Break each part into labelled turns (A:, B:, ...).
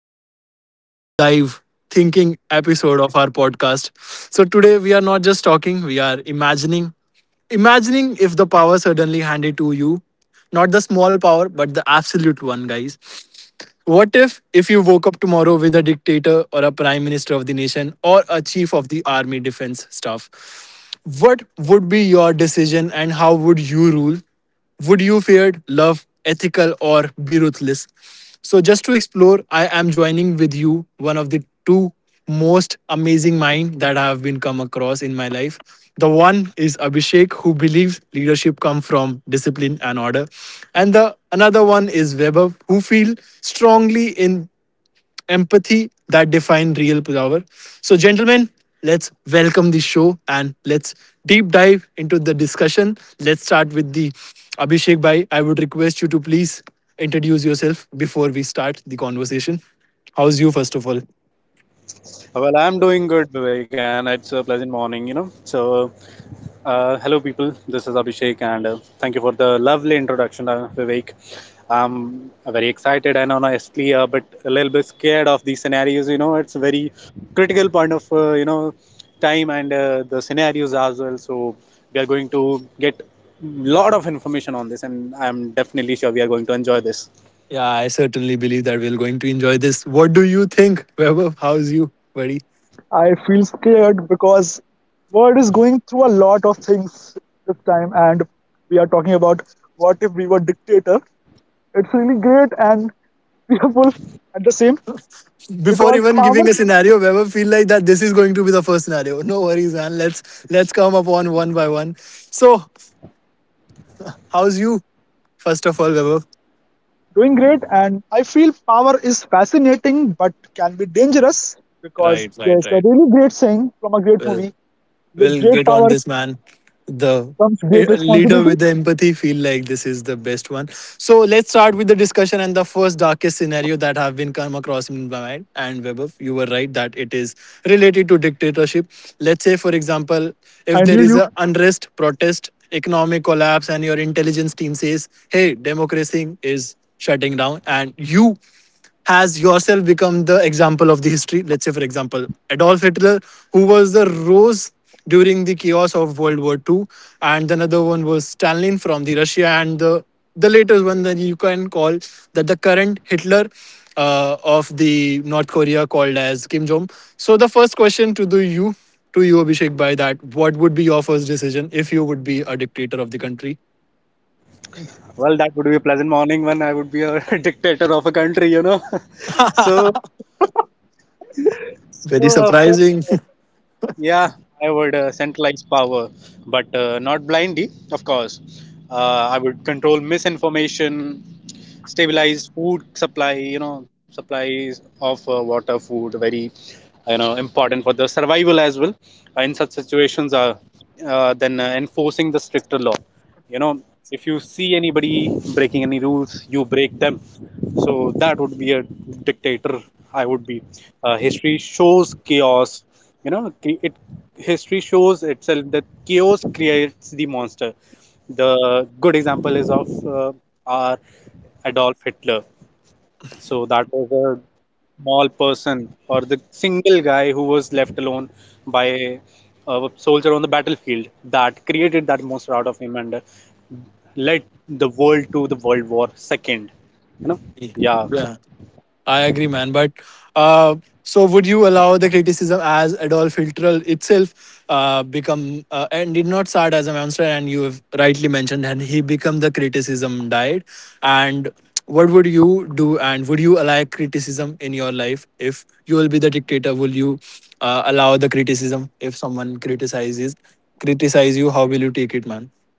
A: Welcome back to another deep dive thinking episode. So today we are not just talking, we are imagining. Imagine suddenly handed to you, not the small power, but the absolute one, guys. What if you woke up tomorrow with a dictator or a prime minister of the nation, the army defense staff, what would be your decision rule? Would you feared, love, ethical, or be ruthless? To explore, I am joining with you one of the two most that I have been come across in my life. The one is Abhishek, who believes from discipline and order, and the another one is Weber, who fully in empathy that define real power. Let's welcome the show and let's deep dive into the discussion. The Abhishek Bhai, I would request you to please introduce yourself, the conversation. How's you, first of all?
B: Well, I'm doing good, Vivek, and it's a pleasant morning, you know. Hello, people. This is Abhishek, and thank you for the lovely introduction, Vivek. I'm very excited and honestly, but a little bit scared of these scenarios. You know, it's a very critical point of time and the scenarios as well. So, we are going to get lot of information on this, and I'm definitely sure we are going to enjoy this.
A: Yeah, I'm going to enjoy this. What do you think, Weber? How's you, buddy?
C: I feel scared because world is going through a lot of things this time, and we are talking about what if we were dictator. It's really great and fearful at the same
A: Before
C: because
A: even
C: power
A: giving a scenario, Weber feel like that scenario. No worries, man. Let's come upon one by one. So, how's you, first of all, Weber?
C: doing great, and I feel power is fascinating but can be dangerous because there's a
A: Right,
C: really
A: right,
C: great
A: right.
C: saying from a great
A: Well.
C: movie: "With great
A: Will get
C: power
A: on this man.
C: comes great
A: The
C: responsibility."
A: empathy feel like this is the best one. So let's start with the discussion and the first that have been come across in my mind. And Webov, you were right that it is related. Let's say, for example,
C: I
A: if
C: knew you.
A: there is a unrest, protest, if your intelligence team says, "Hey, democracy is shutting down," and has yourself become the example of the history. Let's say, for example, Adolf Hitler rose during the chaos of World War Two, and another from the Russia and the latest one that you can call that the current of the North Korea called as Kim Jong. So the first question to you, Abhishek, by that, what would be your first decision if you would be a dictator?
B: Well, that would be a pleasant morning when I would be a dictator of a country, you know. so.
A: Very
B: So for
A: surprising.
B: uh, yeah, I would centralize power, but not blindly, of course. I would control misinformation, stabilize food supply. You know, supplies of water, food, very important for the survival as well. In such situations, then enforcing the stricter law, you know if you see anybody breaking any rules, you break them. So that would be a dictator I would be. History shows chaos, you know it history shows itself that chaos creates the monster. The good example is of our Adolf Hitler. So that was a small person or the single guy who was left alone by a soldier on the battlefield, that created that monster out of him and led the world to the World War Second. You know, yeah. So
A: I agree, man. But uh, so, would you allow the criticism as itself become and did not start as a monster, and you have he become the criticism died? And what would you do with criticism in your life if you will be the dictator? Will you, if someone criticize you, how will you take it, man?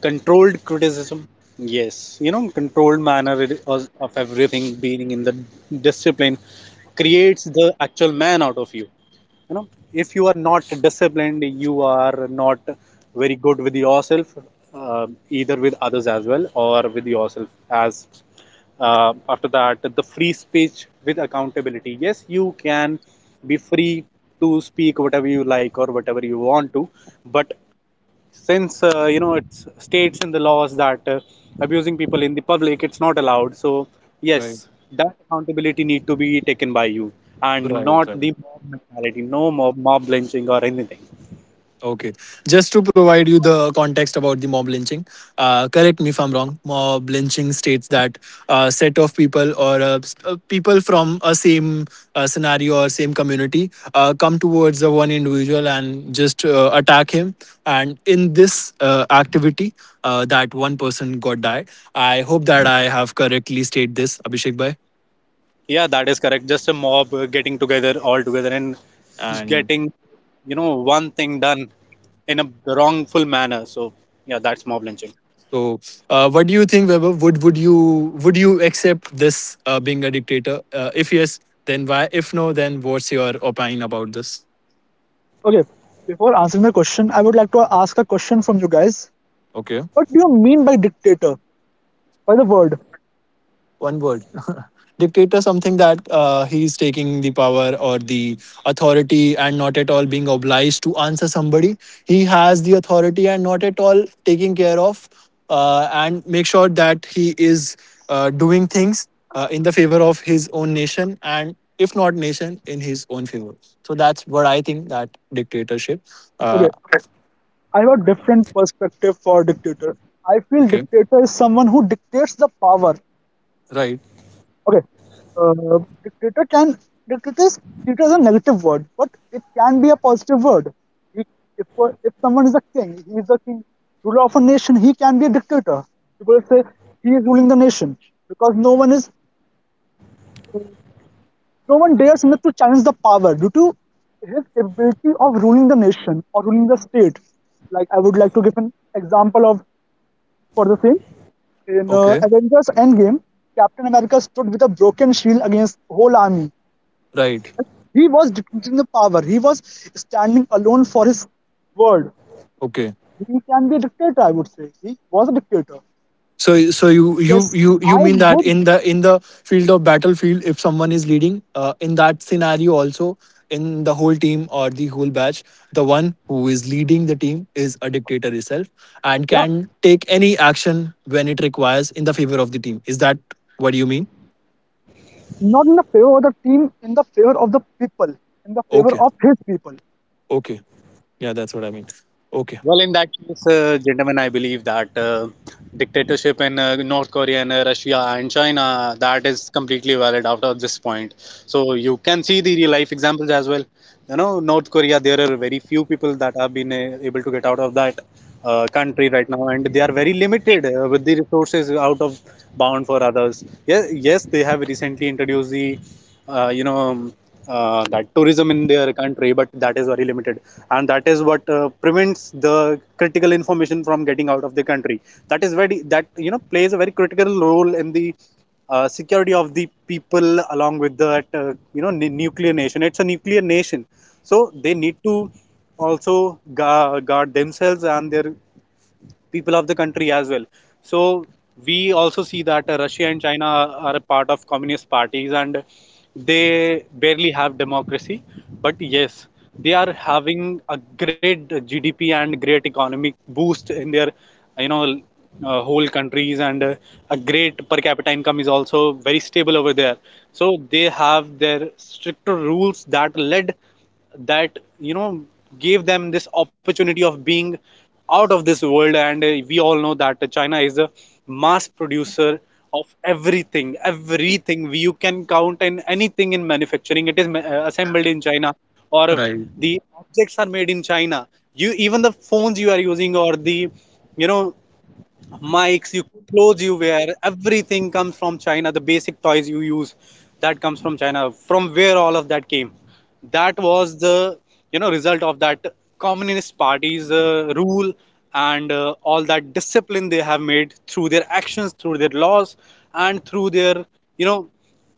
B: controlled criticism. Yes, you know, controlled manner of everything being in the discipline creates the actual man out of you. You know, if you are not disciplined, you are not very good with yourself, uh, either with others as well or with yourself. As After that, the free speech with accountability. Yes, you can be free to speak whatever you like or whatever you want to, but since it states in the laws that abusing people in the public, it's not allowed, so yes, that accountability need to be taken by you, and not
A: Right,
B: the
A: right.
B: mob mentality. No mob lynching or anything.
A: Okay. Just to provide you the context, correct me if I'm wrong. Mob lynching states that a set of people from a same scenario or same community arrest one individual and just attack him. And in this, that one person got died. I hope that I have correctly stated this.
B: Yeah, that is correct. Just a mob getting together all together and getting, you know, one thing done in a wrongful manner. So yeah, that's mob lynching.
A: So, what do you think, Weber? Would you accept a dictator? If yes, then why? If no, then what's your opinion about?
C: Okay, before answering the question, I would like to ask a question from you guys. What do you mean by dictator? By the word?
A: One dictator, something that he's taking the power or the authority being obliged to answer somebody, he has the authority and not at all, and make sure that he is doing things of his own nation and if not nation in his own favor, so that dictatorship, uh,
C: Okay, I have a different perspective for dictator.
A: okay,
C: I feel dictator is someone who dictates the power.
A: right,
C: Okay, dictator can dictator is, dictator is a negative word, but it can be a positive word. He, if if someone is a king, he is the king, ruler of a nation. He can be a dictator. People say he is ruling the nation because no one dares enough to challenge the power due to his ability of ruling the nation or ruling the state. Like I would like to give an example of for the same. In
A: okay,
C: Avengers Endgame, Captain America stood with a broken shield against whole army.
A: right,
C: He was dictating the power. He was standing alone for his word.
A: okay.
C: He can be a dictator, I would say. He was a dictator.
A: So, so you
C: Yes,
A: you
C: I
A: you you
C: would,
A: mean that in the field, if someone is leading, in that scenario also in the whole batch, the one who is leading the team is a dictator
C: yeah,
A: itself. Any action when it requires in the favor of the team is that what you mean?
C: not in the favor of the team, in the favor of the people, in the favor of
A: Okay,
C: his people.
A: okay, yeah, that's what I mean. Okay.
B: Well, in that case, gentlemen, I believe that dictatorship in North Korea and Russia and China, that is completely valid after this point. So you can see the real life examples as well. You know, North Korea, there are very few people that have been able to get out of that country right now, and they are very limited with the resources out of bound for others. Yes, yes, they have recently introduced the uh, you know that tourism in their country, but that is very limited, and that is what prevents the critical information from getting out of the country. That is very, that you know, plays a very critical role in the security of the people, along with that, you know, nuclear nation. It's a nuclear nation, so they need to also guard themselves and their people of the country as well. So we also see that Russia and China are a part of communist parties, and they barely have democracy, but yes, they are having a great GDP and great economic boost in their, you know, whole countries, and a great per capita income is also very stable over there. So they have their stricter rules that led, that you know, gave them this opportunity of being out of this world. And we all know that China is a mass producer of everything. Everything you can count in, anything in manufacturing, it is assembled in China, or if the objects are made in China. You, even the phones you are using, or the, you know, mics, you clothes you wear, everything comes from China. The basic toys you use, that comes from China. From where all of that came, that was the, you know, result of that communist party's rule, and all that discipline they have made through their actions, through their laws, and through their, you know,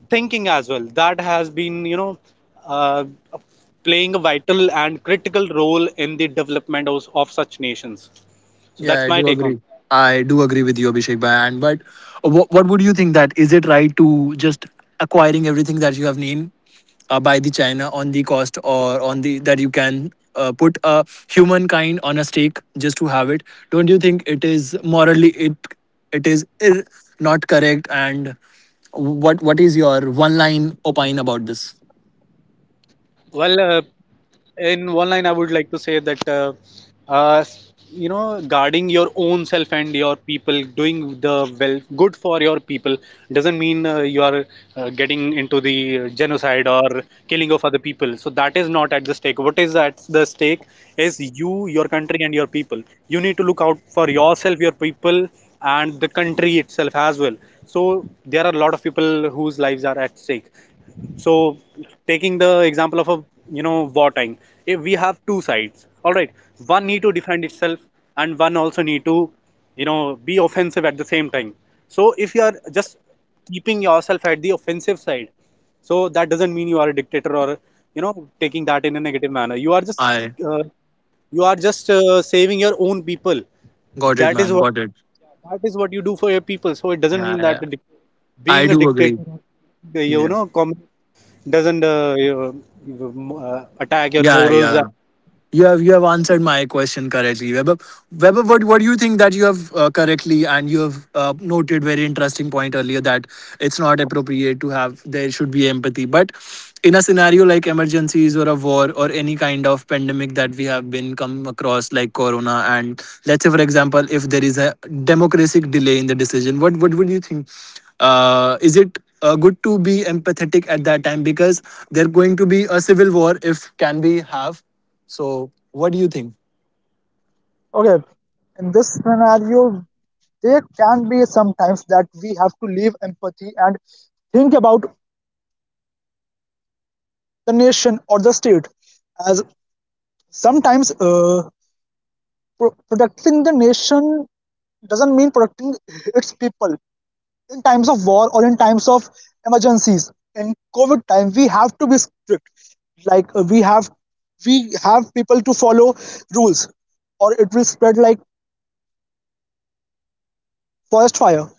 B: thinking as well. That has been, you know. Uh, Playing a vital and critical role in the development of such nations. So that's my take on that.
A: Yeah, I do agree with you, Abhishek Bhai. And but what would you think that is it right to acquiring everything that you have named by the China on the cost or on put a humankind on a stake just to have it? Don't you think really it it is ir- not correct? And one line opine about this.
B: Well, in one line, I would like to say that uh, you know, guarding your own self and your people, doing the well, good for your people, doesn't mean you are getting into the genocide or killing of other people. So that is not at the stake. What is at the stake is you, your country, and your people. You need to look out for yourself, your people, and the country itself as well. So there are a lot of people whose lives are at stake. So taking the example of a, you know, wartime, if we have two sides, all right, one need to defend itself, and one also need to, you know, be offensive at the same time. So if you are just keeping yourself at the offensive side, so that doesn't mean you are a dictator or, you know, taking that in a negative manner. You
A: I
B: are just saving your own people. That
A: got.
B: is what, that is what you do for your people. So it doesn't mean that
A: Yeah, I
B: being a
A: do agree. Yeah.
B: dictator, you know com- doesn't attack your morals and
A: You have answered my question correctly, Weber. Weber, what do you think exactly? And you have noted very interesting point earlier that it's not that there should be empathy, but in a scenario like emergencies or a war or pandemic that we have been come across like corona and let's say for example democratic delay in the decision, what would you think? Is it empathetic at that time because there's going to be a civil war if can be? So what do you think?
C: Okay, in this scenario, there can be sometimes that we have to leave empathy and think about the nation or the state as sometimes protecting the nation doesn't mean protecting its people in times of war or in times of emergencies, in COVID time. We have to be strict, like we have people to follow rules or it will spread like forest fire.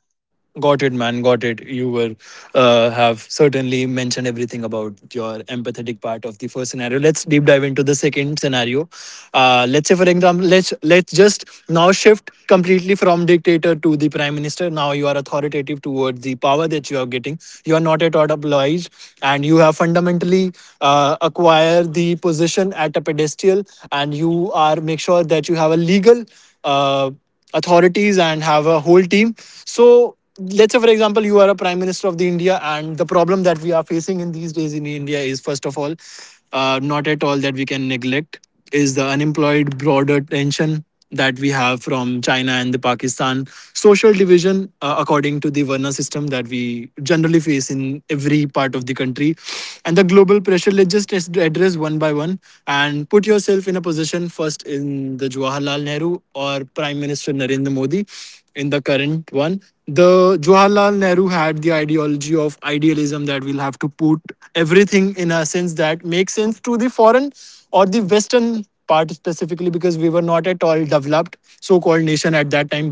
A: Got it, man. Got it. You were certainly mentioned everything about your empathetic part of the first scenario. Let's deep dive into the second scenario. Let's say, for example, let's just now shift later to the prime minister. Now you are authoritative towards the power that you are getting, and you have fundamentally acquire the position, and you are make sure that you have a legal uh, have a whole team. So let's say for example you are a prime minister of the india that we are facing in these days in india is first of all not at all that is the unemployed broader tension that we have from china, social division according to the Varna system that we generally feel part of the country, and the global pressure. Let's just address one by one. Self in a position first in the Jawaharlal Nehru or Prime Minister Narendra in the current one. The Jawaharlal Nehru had the ideology of we'll have to put everything in a sense that makes sense to the foreign part specifically because we were not at all developed so-called nation at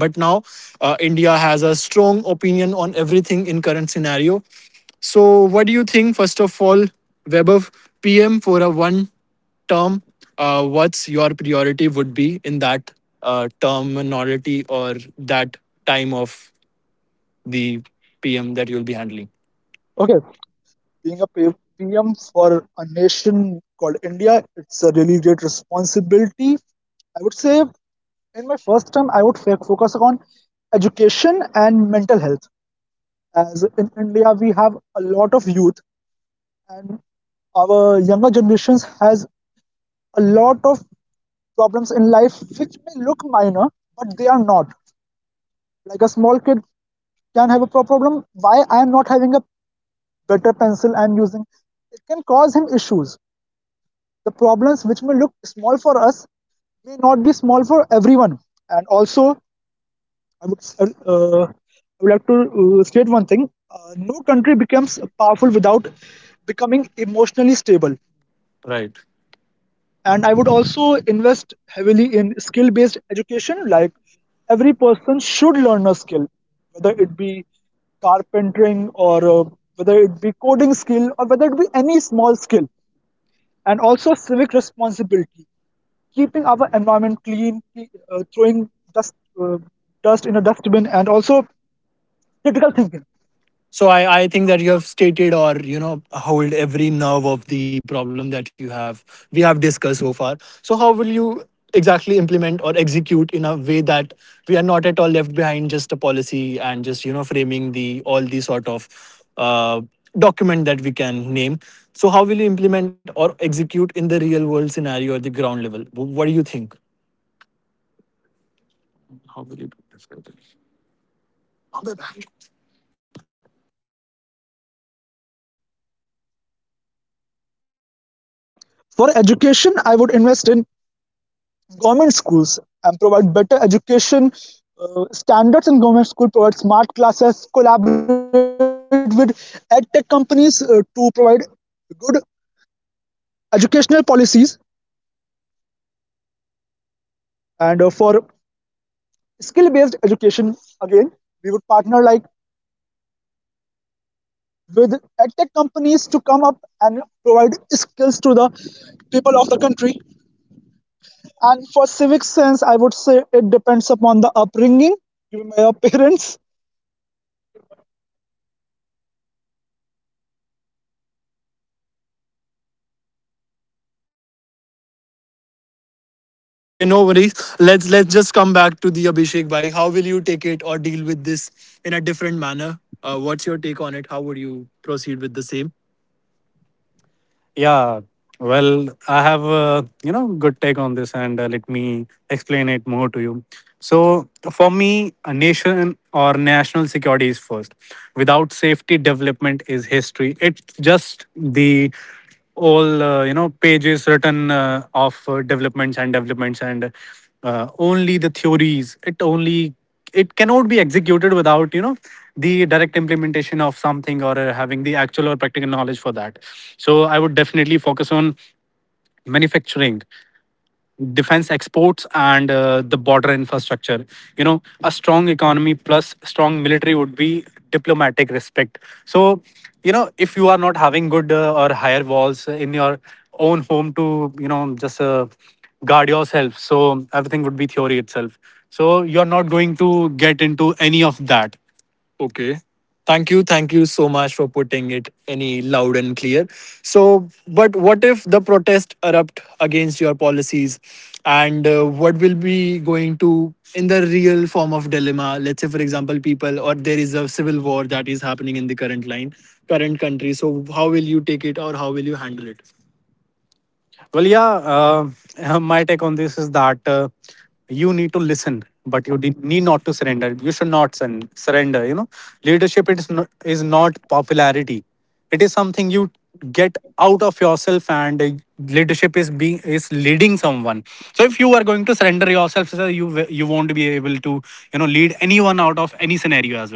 A: india has a strong opinion on everything in current scenario. What do you think first of all Webber, PM for a one, what's your priority would be in that terminology time of the PM that you'll be handling.
C: Okay, being PM for a nation called India, it's a really great responsibility. I would say in my first term I would focus on education and mental health, as in India we have a lot of youth, and our younger generations has a lot of problems in life which may look minor, but they are not. Like a small kid can have a problem why I am not having a better pencil I'm using. It can cause him issues. The problems which may look small for us may not be small for everyone. And also I would, s- I would like to state one thing. No country becomes powerful without becoming emotionally stable.
A: Right.
C: And I would also invest heavily in skill based education. Like every person should learn a skill, whether it be carpentering, or whether it be coding skill, or whether it be any small skill. And also civic responsibility, keeping our environment clean, throwing dust, uh, dust in a dustbin, and also critical thinking.
A: So I think that, you know, hold every nerve of the problem that you have. We have discussed. Will you exactly implement or execute in a way that we are not just a policy and just, you know, framing the all the sort of that we can name. So how will you implement or execute in the real world scenario? What do you think?
C: Okay, for education,
A: How
C: we
A: will
C: what I would do is I would open more
A: you?
C: government schools and provide better for education. I would invest in government schools and provide better education standards in government school. Provide smart classes. Collaborate with ed tech companies to provide good educational policies, and for skill based education. Again, we would partner like with edtech companies to come up and provide skills to the people of the country. And for civic sense, I would say it depends upon the upbringing, given by our parents.
A: Okay, no worries. Let's just come back to the Abhishek by how deal with this in a different manner. What's your take on it? How would you, yeah, well, I have a on this, and let me explain it more to you. So, for me, our national security is first. Without safety, development is just the all you know pages written and developments and only the theories. It only executed without you know the direct implementation of something or have knowledge for that. So, I would definitely focus on manufac- defense exports and the border infrastructure, you know, me plus strong military would be diplomatic respect, so not having good or higher walls in your own home to you know guard yourself, so everything would be theory itself, so you're not going to any of that. Okay. Thank you. Thank you so much for putting it loud and clear. So, but what if the protest erupt holidays? And what will be going to in the real form? Say, for example, people or there is a civil war that is happening in the current line. How will you take it or how will you handle it? Well, yeah, my take on this is that you need to listen, but you need not surrender. You know, leadership is not popularity. Something you get out of yourself, and leadership is being one. So, if you are going to surrender yourself, sir, you won't be able to out of any scenario as well.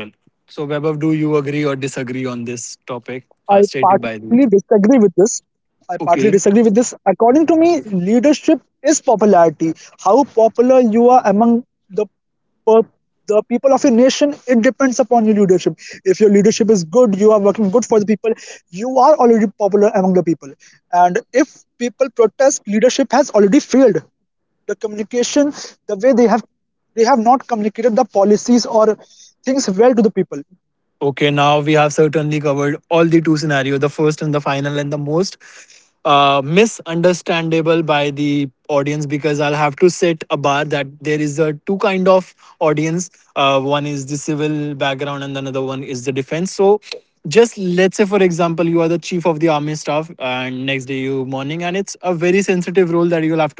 A: So, Vaibhav, do you agree or disagree on this? By the
C: I
A: way.
C: partly disagree with this. I partly
A: Okay.
C: disagree with this. According to me, leadership is popularity. How popular you are among the per- the people of your nation, it depends upon your leadership. If your leadership is good, you are working good for the people, you are already popular among the people. And if people protest, leadership has already failed. The communication, the way they have not communicated the policies or things well to the people.
A: Okay, now we have certainly covered the first and the final and the most misunderstandable audience because I'll have to set a bar that there is a two kind of audience: the civil background and another one is the defense. So just let the chief of the army staff and next day you morning and it's a very sensitive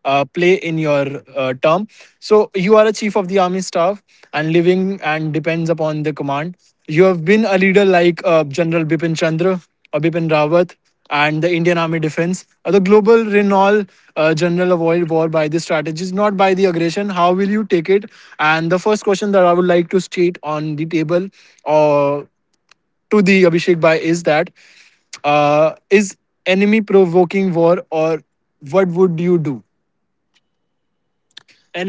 A: play in your term. So you are a chief of the army living and depends upon the command. You have been a leader like a Bipin Rawat and the Indian Army defense. The global renowned avoid war by the strategies, not by the aggression. How will you take it? I would like to state on the table or to the is enemy provoking war or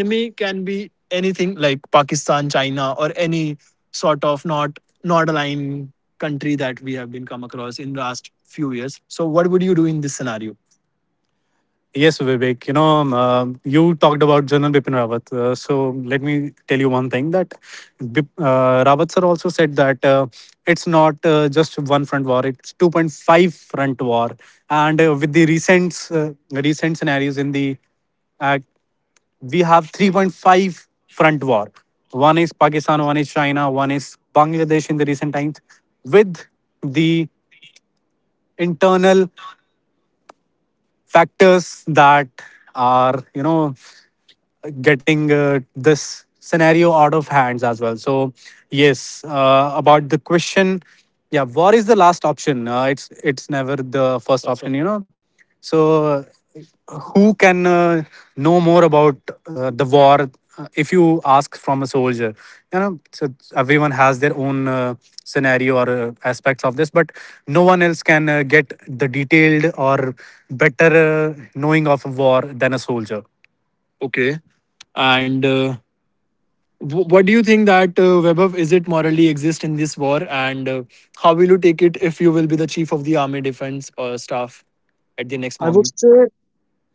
A: enemy can be anything like China or any sort of not aligned country that was in the last few years. So what would you do in this scenario? You know, you talked about General Bipin Rawat. So let me. Rawat sir also said that it's not just 2.5 front war, and with the recent act, we have 3.5 front war. Pakistan, one is China, one is Bangladesh in the recent times, with internal factors are getting this scenario as well. So yes, about the question, yeah, what it's never the first option. So uh, know more about the war. If you ask, so everyone has their own scenario or aspect. One else can get the detailed or better know than a soldier. Okay, and. That Webov, is it morally exist in this war, and how will you take chief of the army defense staff at the next morning?
C: I would say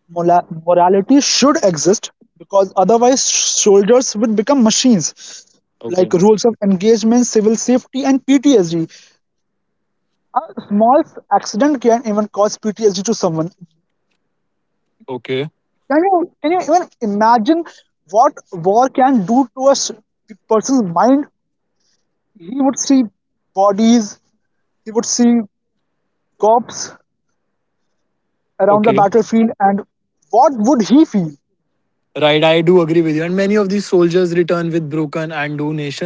C: Morality should exist, because otherwise soldiers will become machines.
A: Okay,
C: Like rules of engagement, civil safety, and PTSD. A small accident can even cause PTSD to someone. Can you even imagine what war can do to a person's mind? He would see bodies, he would see corpses around the
A: okay,
C: battlefield. And what would he feel?
A: right. I do agree with you, and many of these soldiers return nation,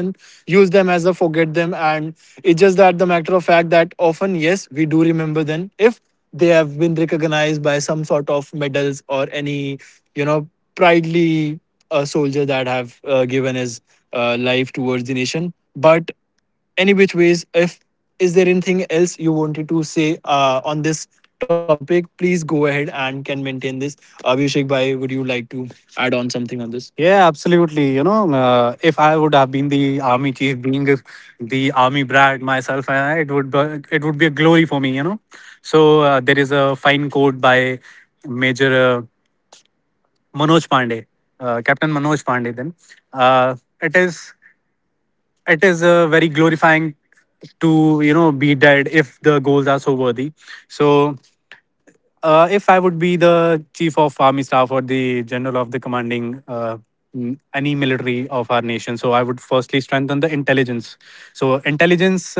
A: use them as a forget them, and it's just that the matter of fact we do remember them if they have been recognized by some sort of medal, you know, proudly a soldier that have given it towards the nation, but. Any which ways, if is there anything to say on this topic, please go ahead and can maintain this. Would you like to add on something on this? Yeah, absolutely. You know, if the army chief being the army brat myself, it would be, you know. So there is a fine quote by Major Manoj Pandey, Captain Manoj Pandey. Then uh, it it is very glorifying to you know be dead so worthy. So if I would be the chief, the general of the commanding any military of our nation, strengthen the intelligence. So intelligence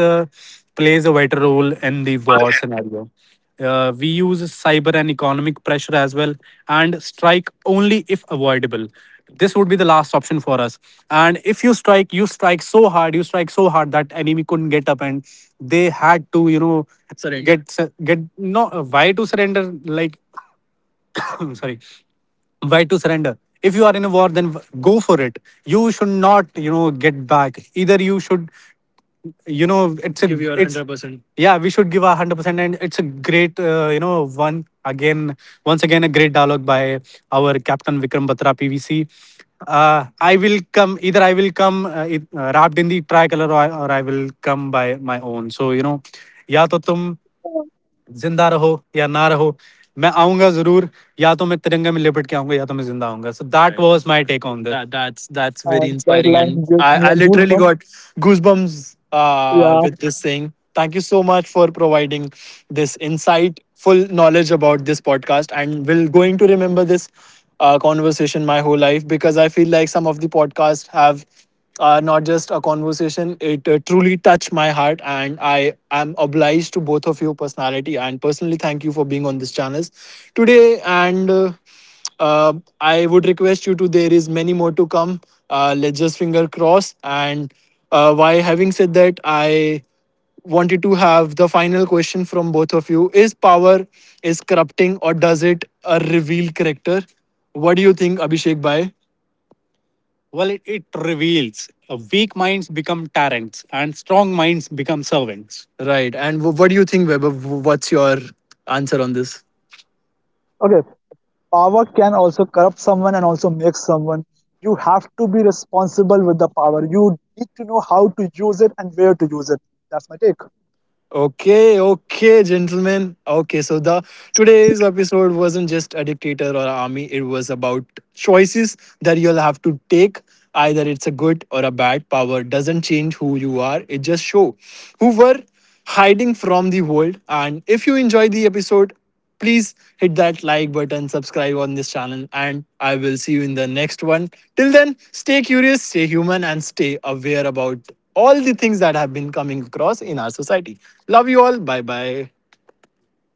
A: plays a vital role in war scenario. We use cyber and economic pressure as well, like, only if avoidable. This would be the last option for us. And strike so hard, you strike so hard that enemy couldn't get up, and they had Right. get no why to surrender. Like why to surrender if you are in a war then go for it, you should not back, either you should you know it's a Give your it's 100%. And it's a great you know one again, once again a great, our Captain Vikram Batra, PVC, I will come either I wrapped in the tricolor or or I will come by my own, so you know जिंदा रहो या ना रहो मैं आऊँगा ज़रूर या क्या होगा या तो मैं जिंदा होऊँगा so that was my take on दे that
C: And
A: very
C: that line
A: inspiring
C: gives
A: truly
C: me a
A: got
C: goosebump.
A: Goosebumps
C: Yeah.
A: With this sing thank you some this inside full knowledge about this podcast and will conversation my whole life because I feel like some of the podcasts have just a conversation. It truly touched my heart, and I am a personality. And personally, thank you for being on this channel today. And I would request you to. There is many more to come. Let's just finger and why having said that, I wanted to have from both of you is power is corrupting or does it a review? What do you think, Abhishek? Bhai? Well, it reveals minds become tyrants and strong minds become servants. Right. And what's your answer on this?
C: Okay. Power can also corrupt someone and also make someone. You have to be responsible with the power. You need to know how to use it and where to use it. That's my take.
A: Okay, gentlemen. Okay, so the today's episode wasn't just addictive; it was about choices that you'll have to take. Either it's a good or doesn't change who you are. It just show who were hiding. And if you enjoyed the episode, please hit that like button, subscribe, and I will see you in the next one. Till then, stay curious, stay human, aware about all the things that have been coming across in our society. Love. Share